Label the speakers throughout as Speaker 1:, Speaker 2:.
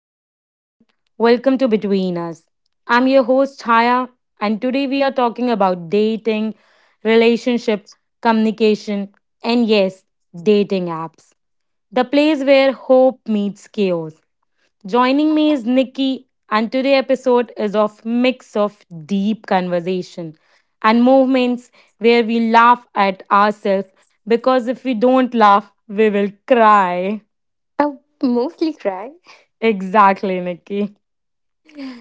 Speaker 1: Hi everyone, welcome to Between Us. I'm your host Chaya, and today we are talking about dating, relationships, communication, and yes, dating apps. The place where hope meets chaos. Joining me is Nikki, and today's episode is of mix of deep conversation and movements where we laugh at ourselves because if we don't laugh, we will cry.
Speaker 2: I mostly cry.
Speaker 1: Exactly, Nikki.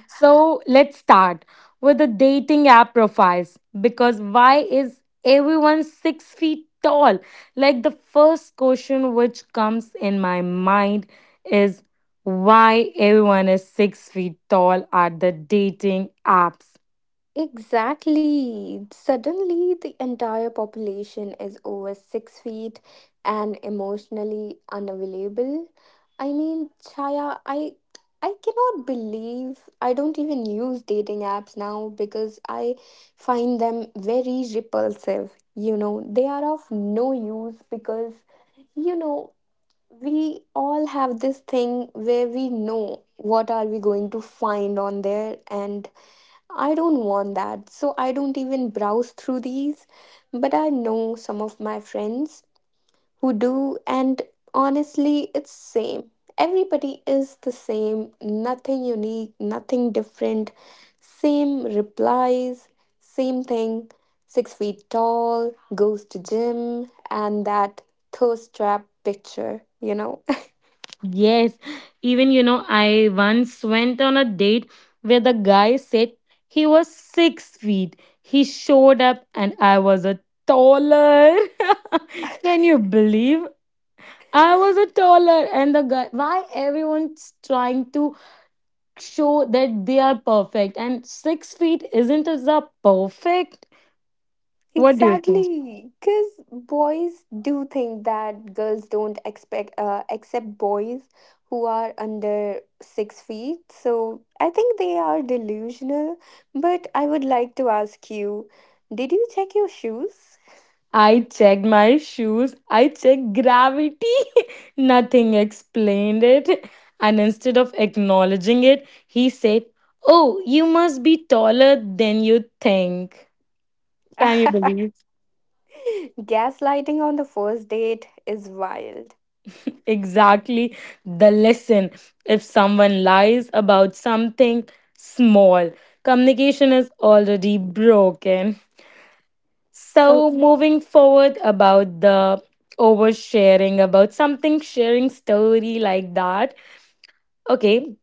Speaker 1: So let's start with the dating app profiles because why is everyone 6 feet tall? Like the first question which comes in my mind is why everyone is 6 feet tall at the dating apps.
Speaker 2: Exactly. Suddenly, the entire population is over 6 feet and emotionally unavailable. I mean, Chaya, I cannot believe I don't even use dating apps now because I find them very repulsive. You know, they are of no use because you know we all have this thing where we know what are we going to find on there, and I don't want that, so I don't even browse through these. But I know some of my friends who do, and honestly it's same. Everybody is the same, nothing unique, nothing different, same replies, same thing. 6 feet tall, goes to gym, and that thirst trap picture.
Speaker 1: Yes, I once went on a date where the guy said he was 6 feet. He showed up and I was a taller. Can you believe? I was a taller, and the guy. Why everyone's trying to show that they are perfect, and 6 feet isn't as a perfect. What do you think?
Speaker 2: Exactly, because boys do think that girls don't expect accept boys who are under 6 feet. So I think they are delusional. But I would like to ask you, did you check your shoes?
Speaker 1: I checked my shoes. I checked gravity. Nothing explained it, and instead of acknowledging it, he said, "Oh, you must be taller than you think." Can you believe?
Speaker 2: Gaslighting on the first date is wild.
Speaker 1: Exactly, the lesson. If someone lies about something small, communication is already broken.
Speaker 2: Oh,
Speaker 1: So, moving forward about the oversharing about something, sharing story like that. Okay,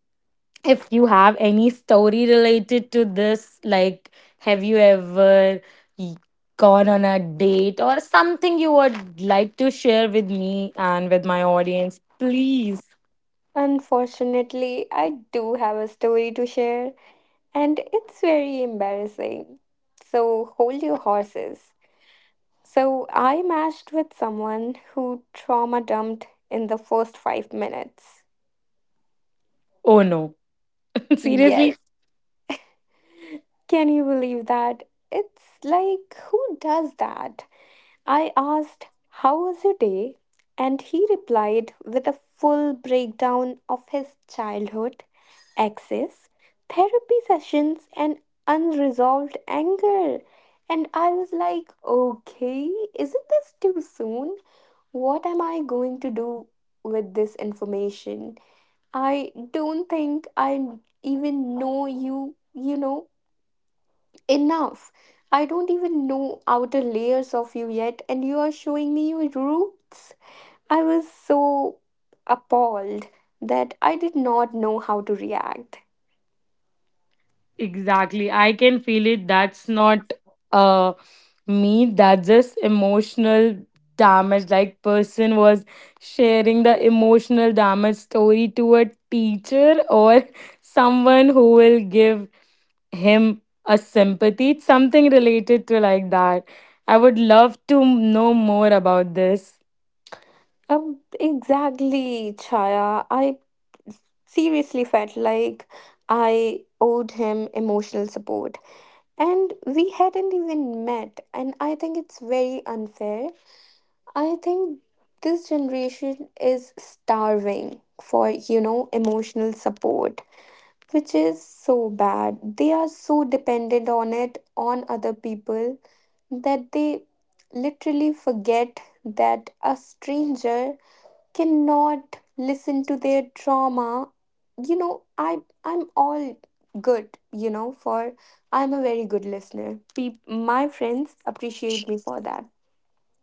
Speaker 1: if you have any story related to this, like have you ever y- gone on a date or something you would like to share with me and with my audience, please.
Speaker 2: unfortunately, I do have a story to share, and it's very embarrassing. So hold your horses. So I matched with someone who trauma dumped in the first 5 minutes.
Speaker 1: Oh no. Seriously?
Speaker 2: Yes. Can you believe that? It's like, who does that? I asked, "How was your day?" And he replied with a full breakdown of his childhood, access, therapy sessions, and unresolved anger. And I was like, "Okay, isn't this too soon? What am I going to do with this information? I don't think I even know you, you know. Enough. I don't even know outer layers of you yet, and you are showing me your roots." I was so appalled that I did not know how to react.
Speaker 1: Exactly. I can feel it. That's not uh me. That's just emotional damage. Like person was sharing the emotional damage story to a teacher or someone who will give him a sympathy. It's something related to like that. I would love to know more about this.
Speaker 2: Exactly, Chaya. I seriously felt like I owed him emotional support, and we hadn't even met, and I think it's very unfair. I think this generation is starving for, emotional support, which is so bad. They are so dependent on it, on other people, that they literally forget that a stranger cannot listen to their trauma. You know, I'm all good, for I'm a very good listener. My friends appreciate me for that.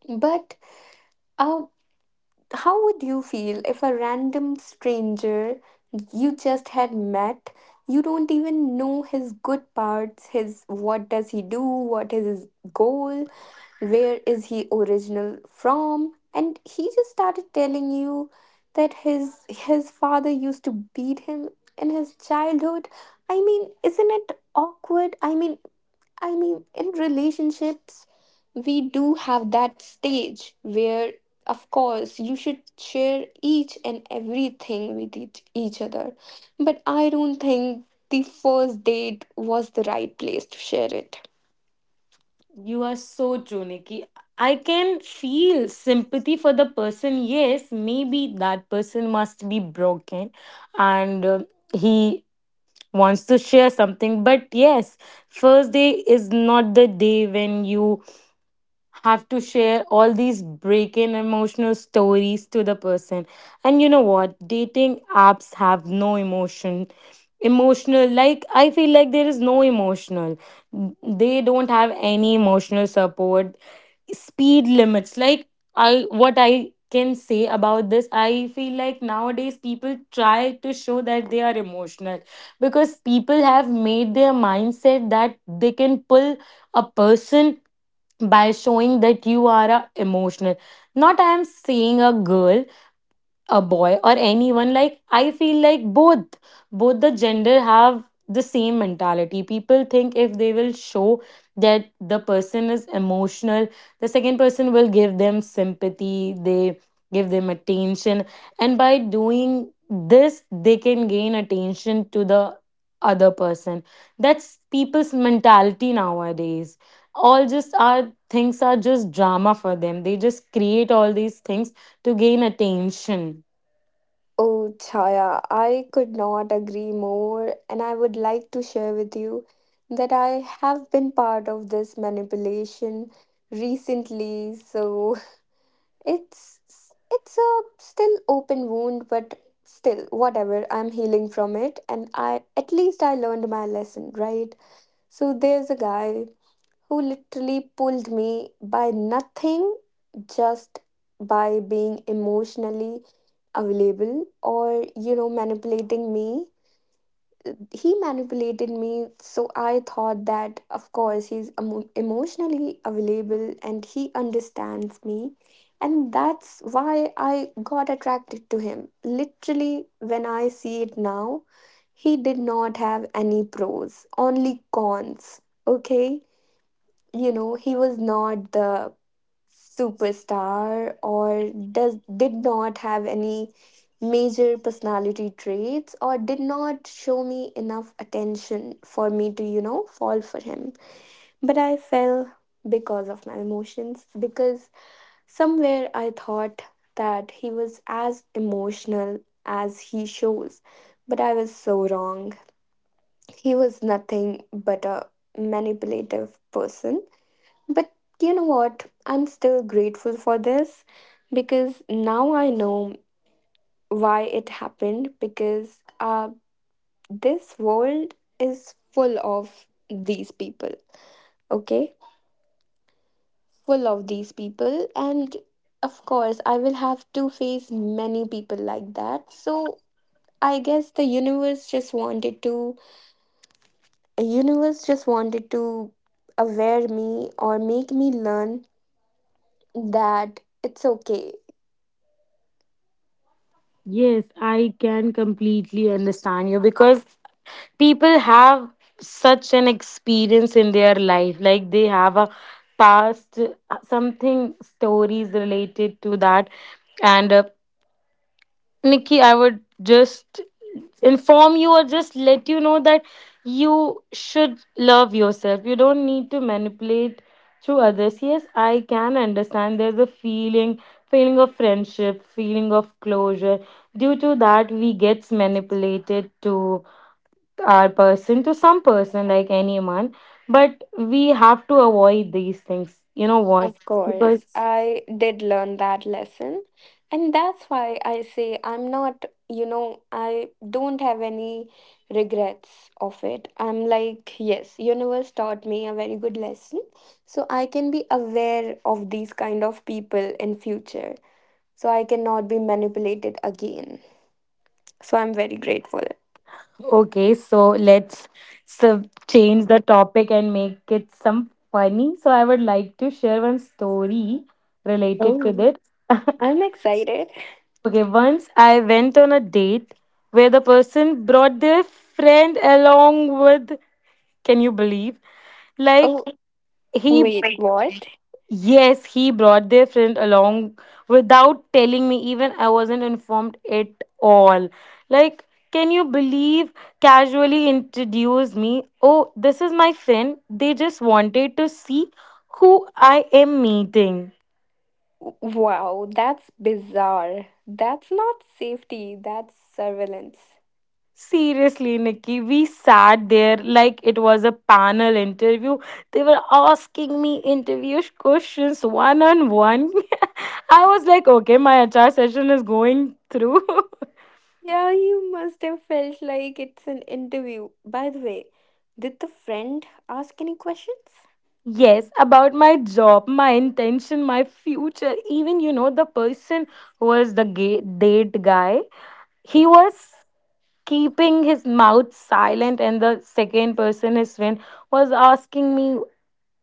Speaker 2: But uh, how would you feel if a random stranger you just had met, you don't even know his good parts, his what does he do, what is his goal, where is he original from, and he just started telling you that his father used to beat him in his childhood? I mean, isn't it awkward? I mean, in relationships, we do have that stage where, of course, you should share each and everything with each other. But I don't think the first date was the right place to share it.
Speaker 1: You are so true, Nikki. I can feel sympathy for the person. Yes, maybe that person must be broken and he wants to share something. But yes, first day is not the day when you have to share all these breaking emotional stories to the person. And you know what? Dating apps have no emotion. Emotional, like, I feel like there is no emotional, they don't have any emotional support speed limits. Like, I, what I can say about this, I feel like nowadays people try to show that they are emotional because people have made their mindset that they can pull a person by showing that you are a emotional. Not I am saying a girl, a boy or anyone. Like I feel like both, both the gender have the same mentality. People think if they will show that the person is emotional, the second person will give them sympathy, they give them attention, and by doing this they can gain attention to the other person. That's people's mentality nowadays. All just are things are just drama for them. They just create all these things to gain attention.
Speaker 2: Oh, Chaya, I could not agree more, and I would like to share with you that I have been part of this manipulation recently. So, It's it's a still open wound, but still whatever. I'm healing from it, and I at least I learned my lesson, right? So there's a guy who literally pulled me by nothing, just by being emotionally available or manipulating me. He manipulated me, so I thought that, of course, he's emotionally available and he understands me, and that's why I got attracted to him. Literally, when I see it now, he did not have any pros, only cons. Okay, he was not the superstar or does did not have any major personality traits, or did not show me enough attention for me to fall for him. But I fell because of my emotions, because somewhere I thought that he was as emotional as he shows, but I was so wrong. He was nothing but a manipulative person. But you know what? I'm still grateful for this, because now I know why it happened, because this world is full of these people, okay? Full of these people, and of course, I will have to face many people like that. So I guess the universe just wanted to aware me, or make me learn that it's okay.
Speaker 1: Yes, I can completely understand you because people have such an experience in their life. Like they have a past, something, stories related to that. And Nikki, I would just inform you or just let you know that you should love yourself. You don't need to manipulate through others. Yes, I can understand there's a feeling, feeling of friendship, feeling of closure. Due to that, we gets manipulated to our person, to some person, like anyone. But we have to avoid these things. You know what?
Speaker 2: Of course,
Speaker 1: Because
Speaker 2: I did learn that lesson. And that's why I say I'm not, I don't have any regrets of it. I'm like, yes, universe taught me a very good lesson. So I can be aware of these kind of people in future. So I cannot be manipulated again. So I'm very grateful.
Speaker 1: okay, so let's change the topic and make it some funny. So I would like to share one story related to
Speaker 2: Oh,
Speaker 1: this.
Speaker 2: I'm excited.
Speaker 1: Okay, once I went on a date where the person brought their friend along with. Can you believe? Like
Speaker 2: Oh,
Speaker 1: he
Speaker 2: wait, what?
Speaker 1: yes, he brought their friend along without telling me. Even I wasn't informed at all. Like, can you believe? Casually introduced me. Oh, this is my friend. They just wanted to see who I am meeting.
Speaker 2: Wow, that's bizarre. That's not safety, that's surveillance.
Speaker 1: Seriously, Nikki, we sat there like it was a panel interview. They were asking me interview questions one on one. I was like, okay, my HR session is going through.
Speaker 2: Yeah, you must have felt like it's an interview. By the way, did the friend ask any questions?
Speaker 1: Yes, about my job, my intention, my future. Even, you know, the person who was the gay, date guy, he was keeping his mouth silent, and the second person, his friend, was asking me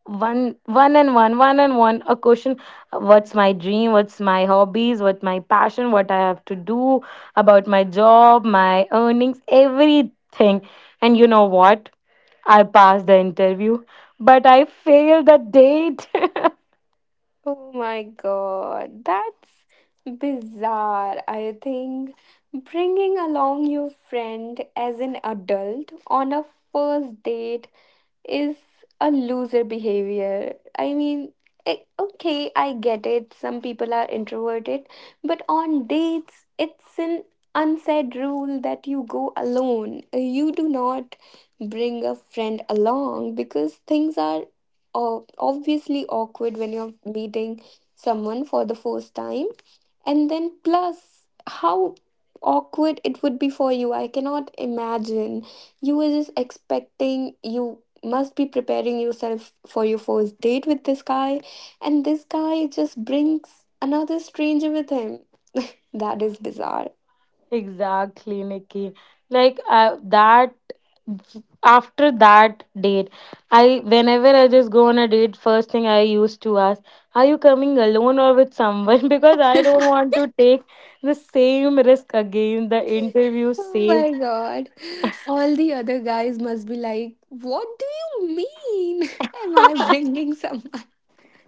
Speaker 1: one a question. What's my dream, what's my hobbies, what's my passion, what I have to do about my job, my earnings, everything. And you know what? I passed the interview, but I failed the date.
Speaker 2: Oh my god, that's bizarre. I think bringing along your friend as an adult on a first date is a loser behavior. I mean, okay, I get it. Some people are introverted, but on dates, it's an unsaid rule that you go alone. You do not bring a friend along because things are obviously awkward when you're meeting someone for the first time. And then, plus, how awkward it would be for you. I cannot imagine, you were just expecting, you must be preparing yourself for your first date with this guy, and this guy just brings another stranger with him. That is bizarre.
Speaker 1: Exactly, Nikki. Like I, that after that date, I, whenever I just go on a date, first thing I used to ask, are you coming alone or with someone? Because I don't want to take the same risk again, the interview
Speaker 2: Oh
Speaker 1: same.
Speaker 2: my god. All the other guys must be like, "What do you mean?" Am I bringing someone?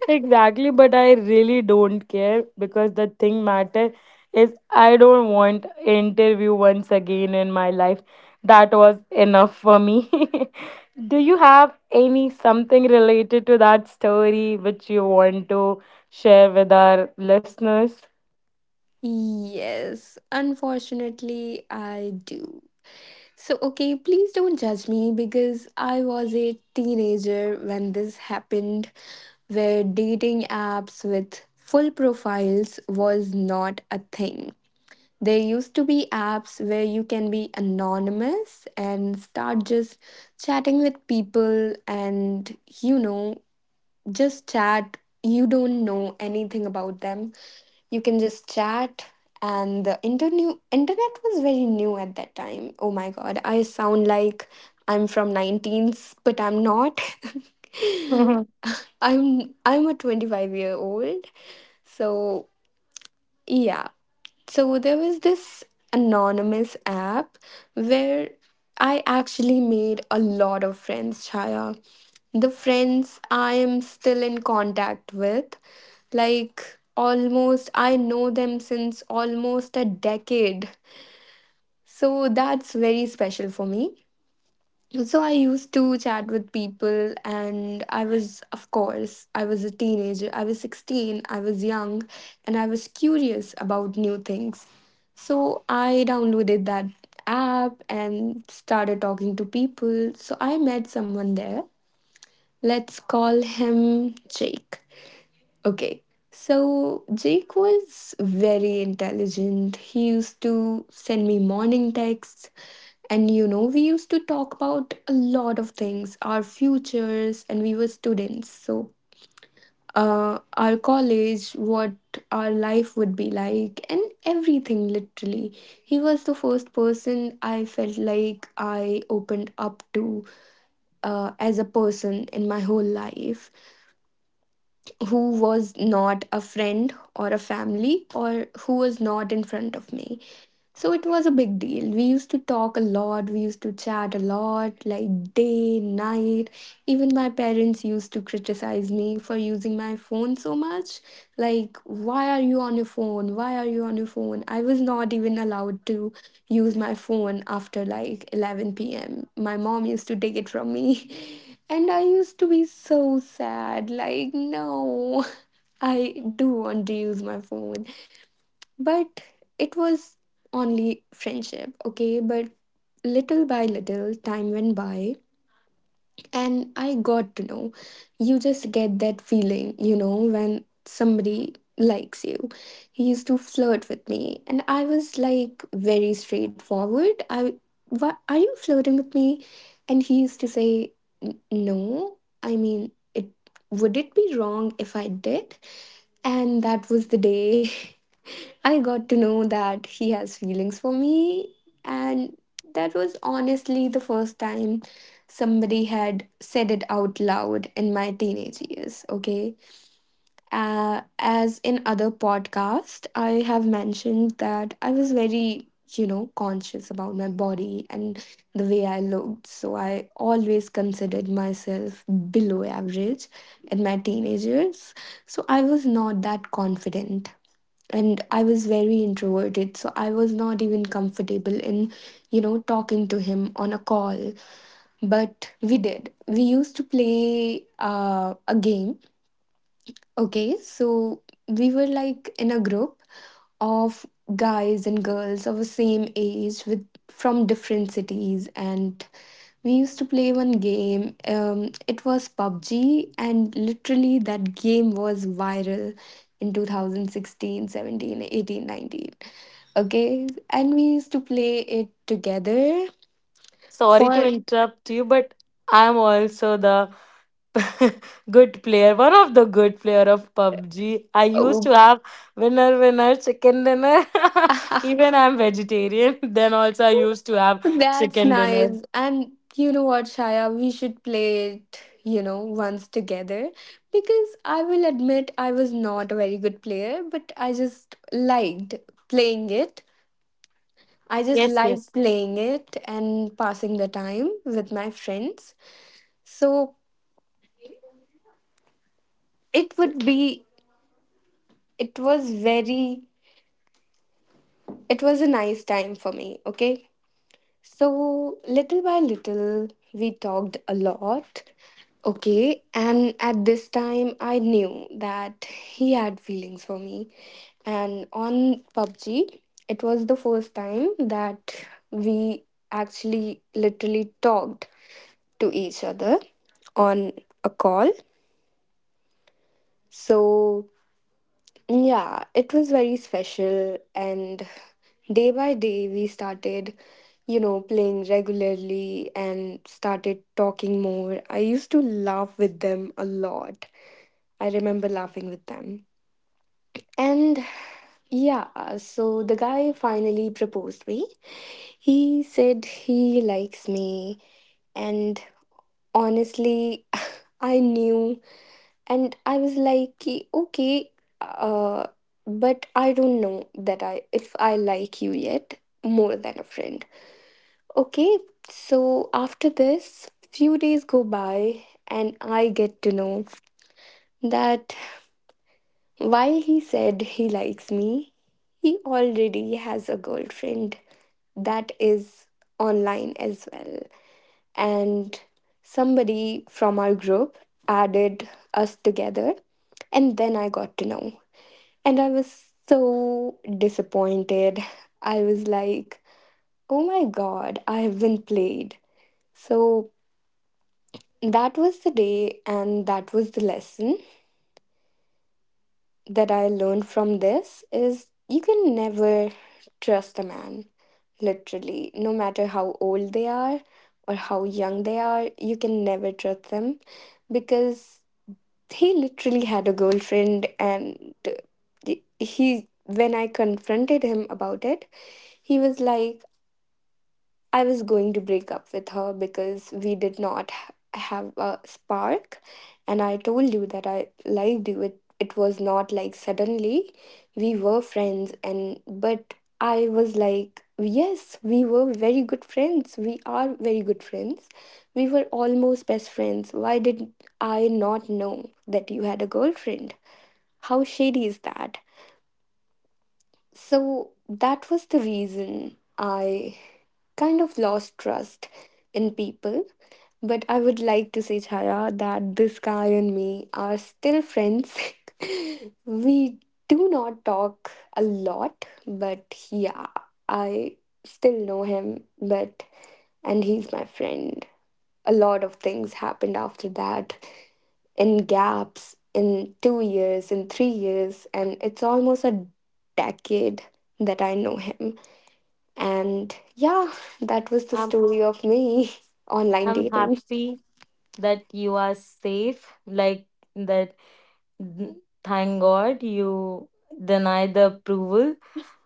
Speaker 1: Exactly, but I really don't care because the thing matter is I don't want interview once again in my life. That was enough for me. Do you have any something related to that story which you want to share with our listeners?
Speaker 2: Yes, unfortunately, I do. So, okay, please don't judge me because I was a teenager when this happened, where dating apps with full profiles was not a thing. There used to be apps where you can be anonymous and start just chatting with people and, just chat. You don't know anything about them, you can just chat, and the internet was very new at that time. Oh my god, I sound like I'm from 19s, but I'm not. I'm a 25-year-old. So yeah, so there was this anonymous app where I actually made a lot of friends, Chaya. The friends I am still in contact with, like almost, I know them since almost a decade. So that's very special for me. So I used to chat with people, and I was, of course, I was a teenager. I was 16, I was young, and I was curious about new things. So I downloaded that app and started talking to people. So I met someone there. Let's call him Jake. Okay. So Jake was very intelligent. He used to send me morning texts. And you know, we used to talk about a lot of things, our futures, and we were students. So, our college, what our life would be like, and everything literally. He was the first person I felt like I opened up to, as a person in my whole life, who was not a friend or a family, or who was not in front of me. So it was a big deal. We used to talk a lot, we used to chat a lot, like day, night. Even my parents used to criticize me for using my phone so much. Like, why are you on your phone? Why are you on your phone? I was not even allowed to use my phone after like 11 p.m. My mom used to take it from me. And I used to be so sad, like, no, I do want to use my phone. But it was only friendship, okay? But little by little, time went by, and I got to know. You just get that feeling, when somebody likes you. He used to flirt with me, and I was like very straightforward. Why are you flirting with me? And he used to say, "No. I mean, it would it be wrong if I did?" And that was the day I got to know that he has feelings for me, and that was honestly the first time somebody had said it out loud in my teenage years. Okay. As in other podcast, I have mentioned that I was very, conscious about my body and the way I looked. So I always considered myself below average in my teenage years. So I was not that confident, and I was very introverted, so I was not even comfortable in, talking to him on a call. But we did. We used to play a game. Okay, so we were like in a group of guys and girls of the same age with from different cities, and we used to play one game. It was PUBG, and literally that game was viral in 2016, 17, 18, 19. Okay, and we used to play it together
Speaker 1: Sorry to
Speaker 2: for.
Speaker 1: interrupt you, but I'm also the good player, one of the good player of PUBG. I used
Speaker 2: Oh,
Speaker 1: to have winner winner chicken dinner. Even I'm vegetarian. Then also I used to have
Speaker 2: that's
Speaker 1: chicken dinner.
Speaker 2: nice. And you know what, Shaya, we should play it, once together, because I will admit I was not a very good player, but I just liked playing it. I just
Speaker 1: Yes,
Speaker 2: liked
Speaker 1: yes.
Speaker 2: playing it and passing the time with my friends. So it
Speaker 1: So
Speaker 2: would be, it was very, It was a nice time for me, okay? So, little by little, we talked a lot. Okay, and at this time, I knew that he had feelings for me. And on PUBG, it was the first time that we actually literally talked to each other on a call. So, yeah, it was very special. And day by day, we started, playing regularly and started talking more. I used to laugh with them a lot. I remember laughing with them. And yeah, so the guy finally proposed me. He said he likes me. And honestly, I knew, and I was like, okay, uh but I don't know that I if I like you yet more than a friend. Okay. So after this, few days go by, and I get to know that while he said he likes me, he already has a girlfriend that is online as well, and somebody from our group added us together, and then I got to know. And I was so disappointed. I was like, oh my god, I have been played. So that was the day, and that was the lesson that I learned from this is you can never trust a man, literally, no matter how old they are or how young they are. You can never trust them because he literally had a girlfriend. And when I confronted him about it, he was like, I was going to break up with her because we did not have a spark. And I told you that I liked you. It was not like suddenly we were friends, and but I was like, yes, we were very good friends. We are very good friends. We were almost best friends. Why did I not know that you had a girlfriend? How shady is that? So that was the reason I kind of lost trust in people. But I would like to say, Chaya, that this guy and me are still friends. We do not talk a lot, but yeah, I still know him, but and he's my friend. A lot of things happened after that in gaps in 2 years, in 3 years, and it's almost a decade that I know him. And yeah, that was the
Speaker 1: I'm
Speaker 2: story of me online
Speaker 1: I'm
Speaker 2: dating.
Speaker 1: happy that you are safe. Like that. n- Thank God you deny the approval.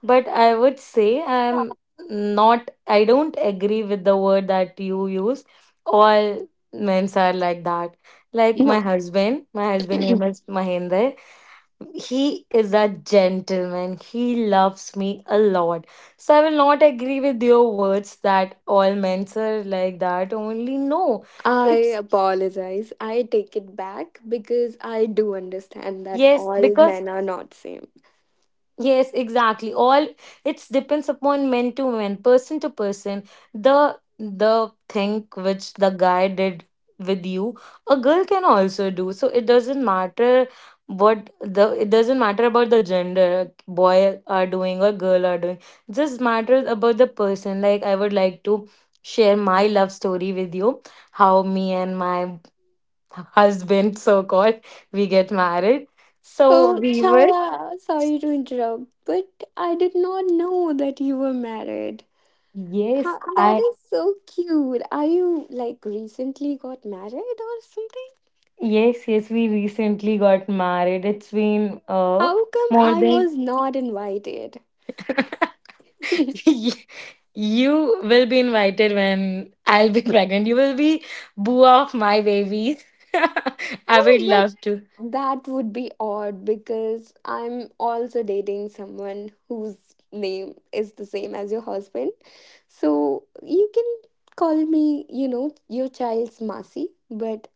Speaker 1: But I would say I'm not, I don't agree with the word that you use. All men's are like that. Like
Speaker 2: No,
Speaker 1: my husband name is Mahinder. He is a gentleman. He loves me a lot. So I will not agree with your words that all men are like that. Only no.
Speaker 2: I
Speaker 1: It's
Speaker 2: apologize. I take it back because I do understand that
Speaker 1: yes,
Speaker 2: all
Speaker 1: because
Speaker 2: men are not same.
Speaker 1: yes, exactly. All it's depends upon man to man, person to person. The thing which the guy did with you, a girl can also do. So it doesn't matter what the, it doesn't matter about the gender boy are doing or girl are doing. Just matters about the person. Like I would like to share my love story with you. How me and my husband so called we get married. So
Speaker 2: Oh,
Speaker 1: we were
Speaker 2: Chala, sorry to interrupt, but I did not know that you were married.
Speaker 1: yes,
Speaker 2: Huh, that
Speaker 1: I,
Speaker 2: is so cute. Are you like recently got married or something?
Speaker 1: yes, yes, we recently got married. It's been
Speaker 2: How come
Speaker 1: more
Speaker 2: I
Speaker 1: than
Speaker 2: was not invited?
Speaker 1: Ye- you will be invited when I'll be pregnant. You will be boo of my babies. I would
Speaker 2: Oh,
Speaker 1: love to.
Speaker 2: but that would be odd because I'm also dating someone whose name is the same as your husband. So you can call me, your child's Masi, but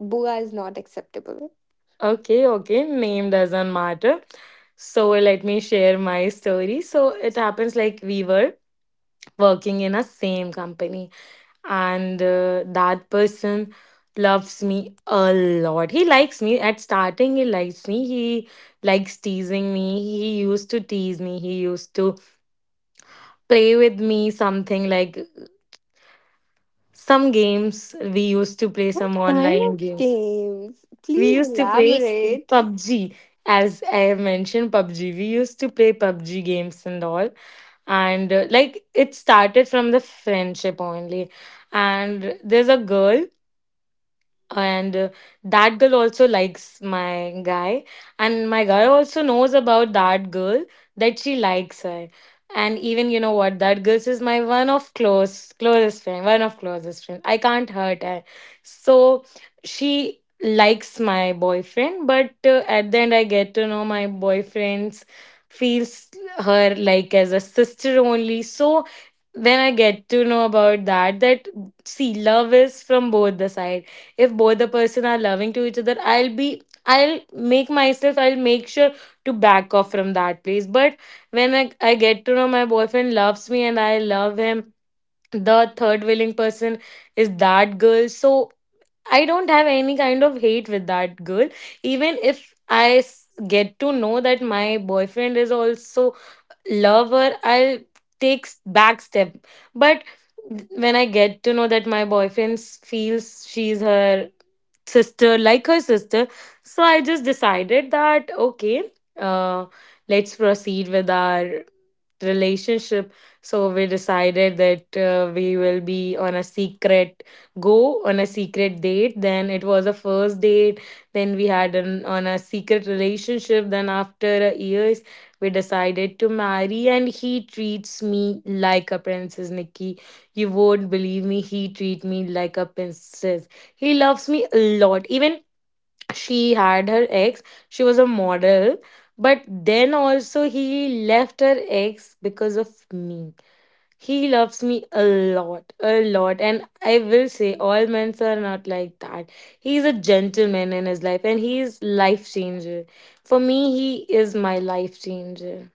Speaker 2: Bua is not acceptable.
Speaker 1: Okay, okay, name doesn't matter. So let me share my story. So it happens like we were working in a same company and that person loves me a lot. He likes me at starting, he likes me, he likes teasing me, he used to tease me, he used to play with me something like some games. We used to play some
Speaker 2: What kind
Speaker 1: online
Speaker 2: of
Speaker 1: games,
Speaker 2: games?
Speaker 1: we
Speaker 2: Please
Speaker 1: used to play
Speaker 2: elaborate.
Speaker 1: PUBG. As I have mentioned, PUBG, we used to play PUBG games and all. And like it started from the friendship only, and there's a girl, and that girl also likes my guy, and my guy also knows about that girl, that she likes her. And even you know what, that girl is my one of close closest friend, one of closest friend. I can't hurt her. So she likes my boyfriend, but at the end I get to know my boyfriend's feels her like as a sister only. So when I get to know about that, that see love is from both the sides. If both the person are loving to each other, I'll be, I'll make myself, I'll make sure to back off from that place. But when I get to know my boyfriend loves me and I love him, the third willing person is that girl. So I don't have any kind of hate with that girl. Even if I get to know that my boyfriend is also lover, I'll take back step. But when I get to know that my boyfriend feels she's her sister, like her sister, so I just decided that okay, uh, let's proceed with our relationship. So we decided that we will be on a secret go on a secret date. Then it was a first date. Then we had an on a secret relationship. Then after a year we decided to marry, and he treats me like a princess, Nikki. You won't believe me, he treat me like a princess. He loves me a lot. Even she had her ex, she was a model, but then also he left her ex because of me. He loves me a lot, a lot. And I will say, all men are not like that. He's a gentleman in his life and he is life changer. For me, he is my life changer.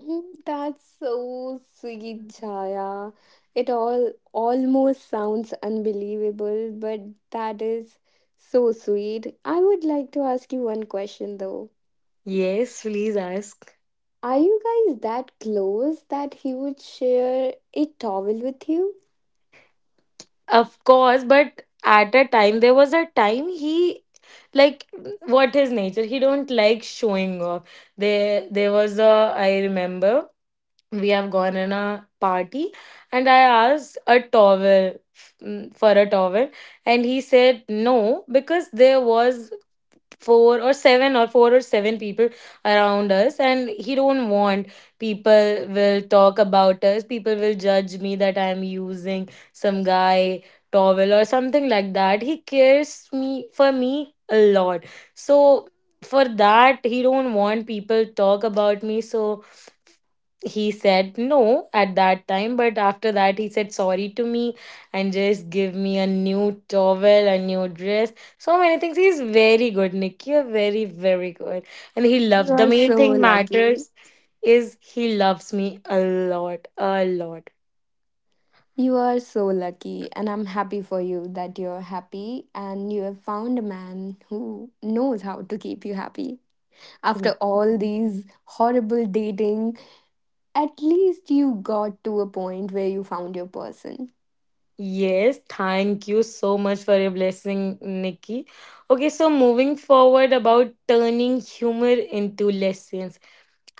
Speaker 2: Mm, that's so sweet, Chaya. It all almost sounds unbelievable, but that is so sweet. I would like to ask you one question though.
Speaker 1: Yes, please ask.
Speaker 2: Are you guys that close that he would share a towel with you?
Speaker 1: Of course, but at a time there was a time he like what his nature. He don't like showing off. There was a, I remember we have gone in a party and I asked a towel, for a towel, and he said no because there was four or seven people around us and he don't want people will talk about us, people will judge me that I'm using some guy towel or something like that. He cares me for me a lot. So for that he don't want people talk about me. So he said no at that time, but after that he said sorry to me and just give me a new towel, a new dress. So many things. He's very good, Nick, you're very very good, and he
Speaker 2: You
Speaker 1: loves, the
Speaker 2: are
Speaker 1: main
Speaker 2: so
Speaker 1: thing
Speaker 2: lucky.
Speaker 1: matters is he loves me a lot, a lot.
Speaker 2: You are so lucky, and I'm happy for you that you're happy and you have found a man who knows how to keep you happy after all these horrible dating, at least you got to a point where you found your person.
Speaker 1: Yes, thank you so much for your blessing, Nikki. Okay, so moving forward about turning humor into lessons.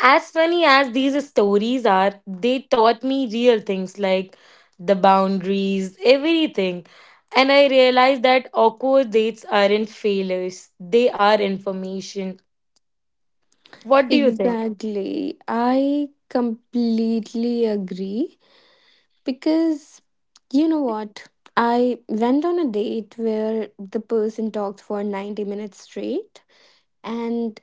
Speaker 1: As funny as these stories are, they taught me real things like the boundaries, everything. And I realized that awkward dates aren't failures, they are information. What do you think?
Speaker 2: Exactly. I completely agree because you know what? I went on a date where the person talked for 90 minutes straight. And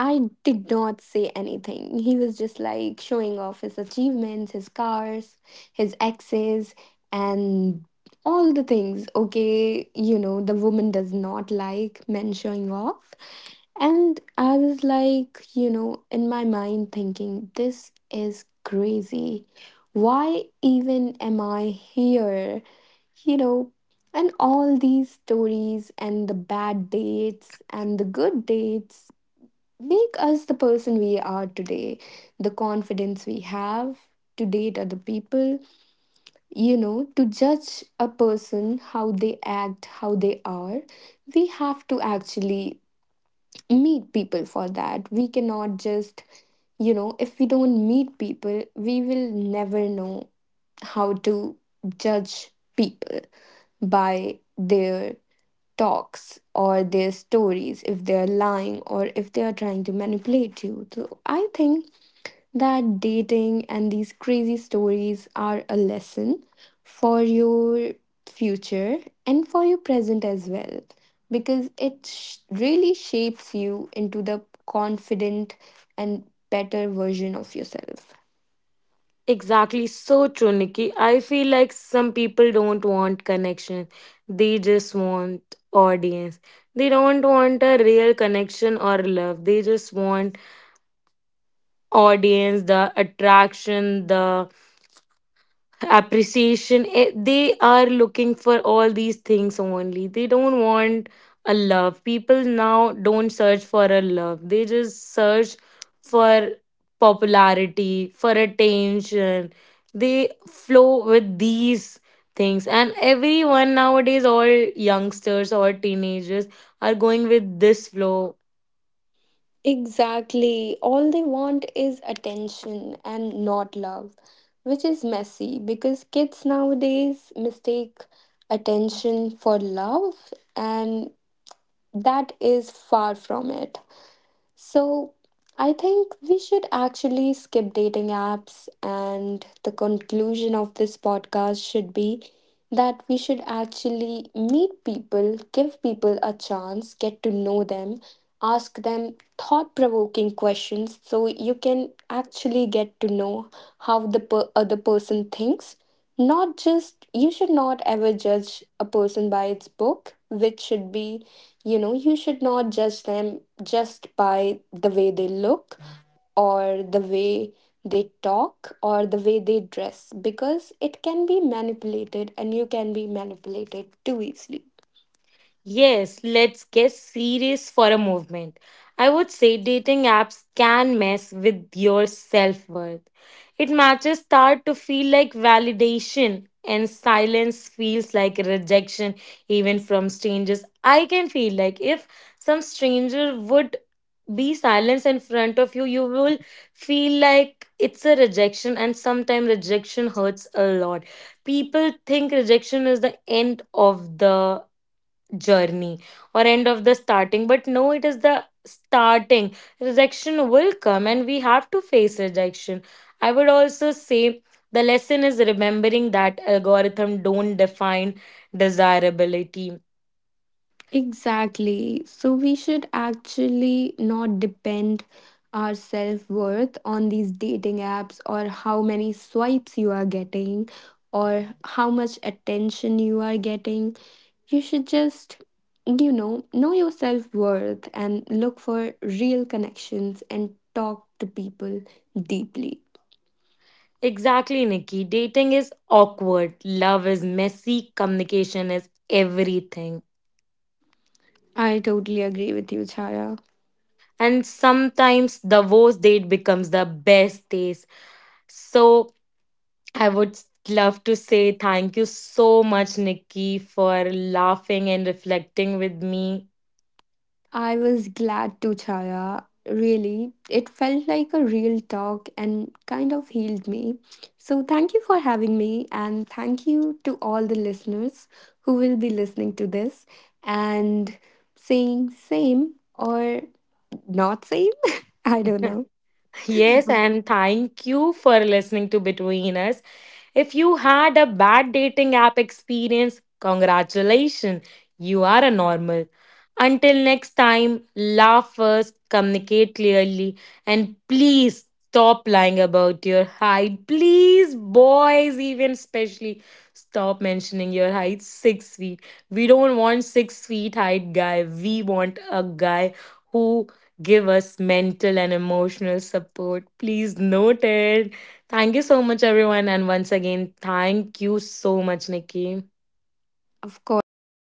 Speaker 2: I did not say anything. He was just like showing off his achievements, his cars, his exes, and all the things. Okay, the woman does not like men showing off. And I was like, in my mind thinking, this is crazy. Why even am I here? You know, and all these stories and the bad dates and the good dates make us the person we are today, the confidence we have to date other people, to judge a person how they act, how they are. We have to actually meet people for that. We cannot just, if we don't meet people, we will never know how to judge people by their talks or their stories, if they're lying or if they are trying to manipulate you. So I think that dating and these crazy stories are a lesson for your future and for your present as well because it really shapes you into the confident and better version of yourself.
Speaker 1: Exactly, so true, Nikki. I feel like some people don't want connection, they just want audience. They don't want a real connection or love, they just want audience, the attraction, the appreciation. They are looking for all these things only, they don't want a love. People now don't search for a love, they just search for popularity, for attention. They flow with these things, and everyone nowadays, all youngsters or teenagers are going with this flow.
Speaker 2: Exactly. All they want is attention and not love, which is messy because kids nowadays mistake attention for love, and that is far from it. So I think we should actually skip dating apps, and the conclusion of this podcast should be that we should actually meet people, give people a chance, get to know them, ask them thought provoking questions so you can actually get to know how the other person thinks. Not just, you should not ever judge a person by its book, which should be, you should not judge them just by the way they look or the way they talk or the way they dress because it can be manipulated and you can be manipulated too easily.
Speaker 1: Yes, let's get serious for a moment. I would say dating apps can mess with your self worth. It matches start to feel like validation, and silence feels like rejection, even from strangers. I can feel like if some stranger would be silence in front of you, you will feel like it's a rejection, and sometimes rejection hurts a lot. People think rejection is the end of the journey or end of the starting, but no, it is the starting. Rejection will come and we have to face rejection. I would also say the lesson is remembering that algorithm don't define desirability.
Speaker 2: Exactly. So we should actually not depend our self-worth on these dating apps or how many swipes you are getting or how much attention you are getting. You should just, know your self-worth and look for real connections and talk to people deeply.
Speaker 1: Exactly, Nikki, dating is awkward, love is messy, communication is everything.
Speaker 2: I totally agree with you, Chaya.
Speaker 1: And sometimes the worst date becomes the best date. So I would love to say thank you so much, Nikki, for laughing and reflecting with me.
Speaker 2: I was glad to, Chaya. Really, it felt like a real talk and kind of healed me. So, thank you for having me, and thank you to all the listeners who will be listening to this and saying same or not same. I don't know.
Speaker 1: Yes, and thank you for listening to Between Us. If you had a bad dating app experience, congratulations, you are a normal. Until next time, laugh first, communicate clearly, and please stop lying about your height. Please, boys, even especially, stop mentioning your height 6 feet. We don't want 6 feet height guy. We want a guy who give us mental and emotional support. Please note it. Thank you so much, everyone. And once again, thank you so much, Nikki.
Speaker 2: Of course, Chaya.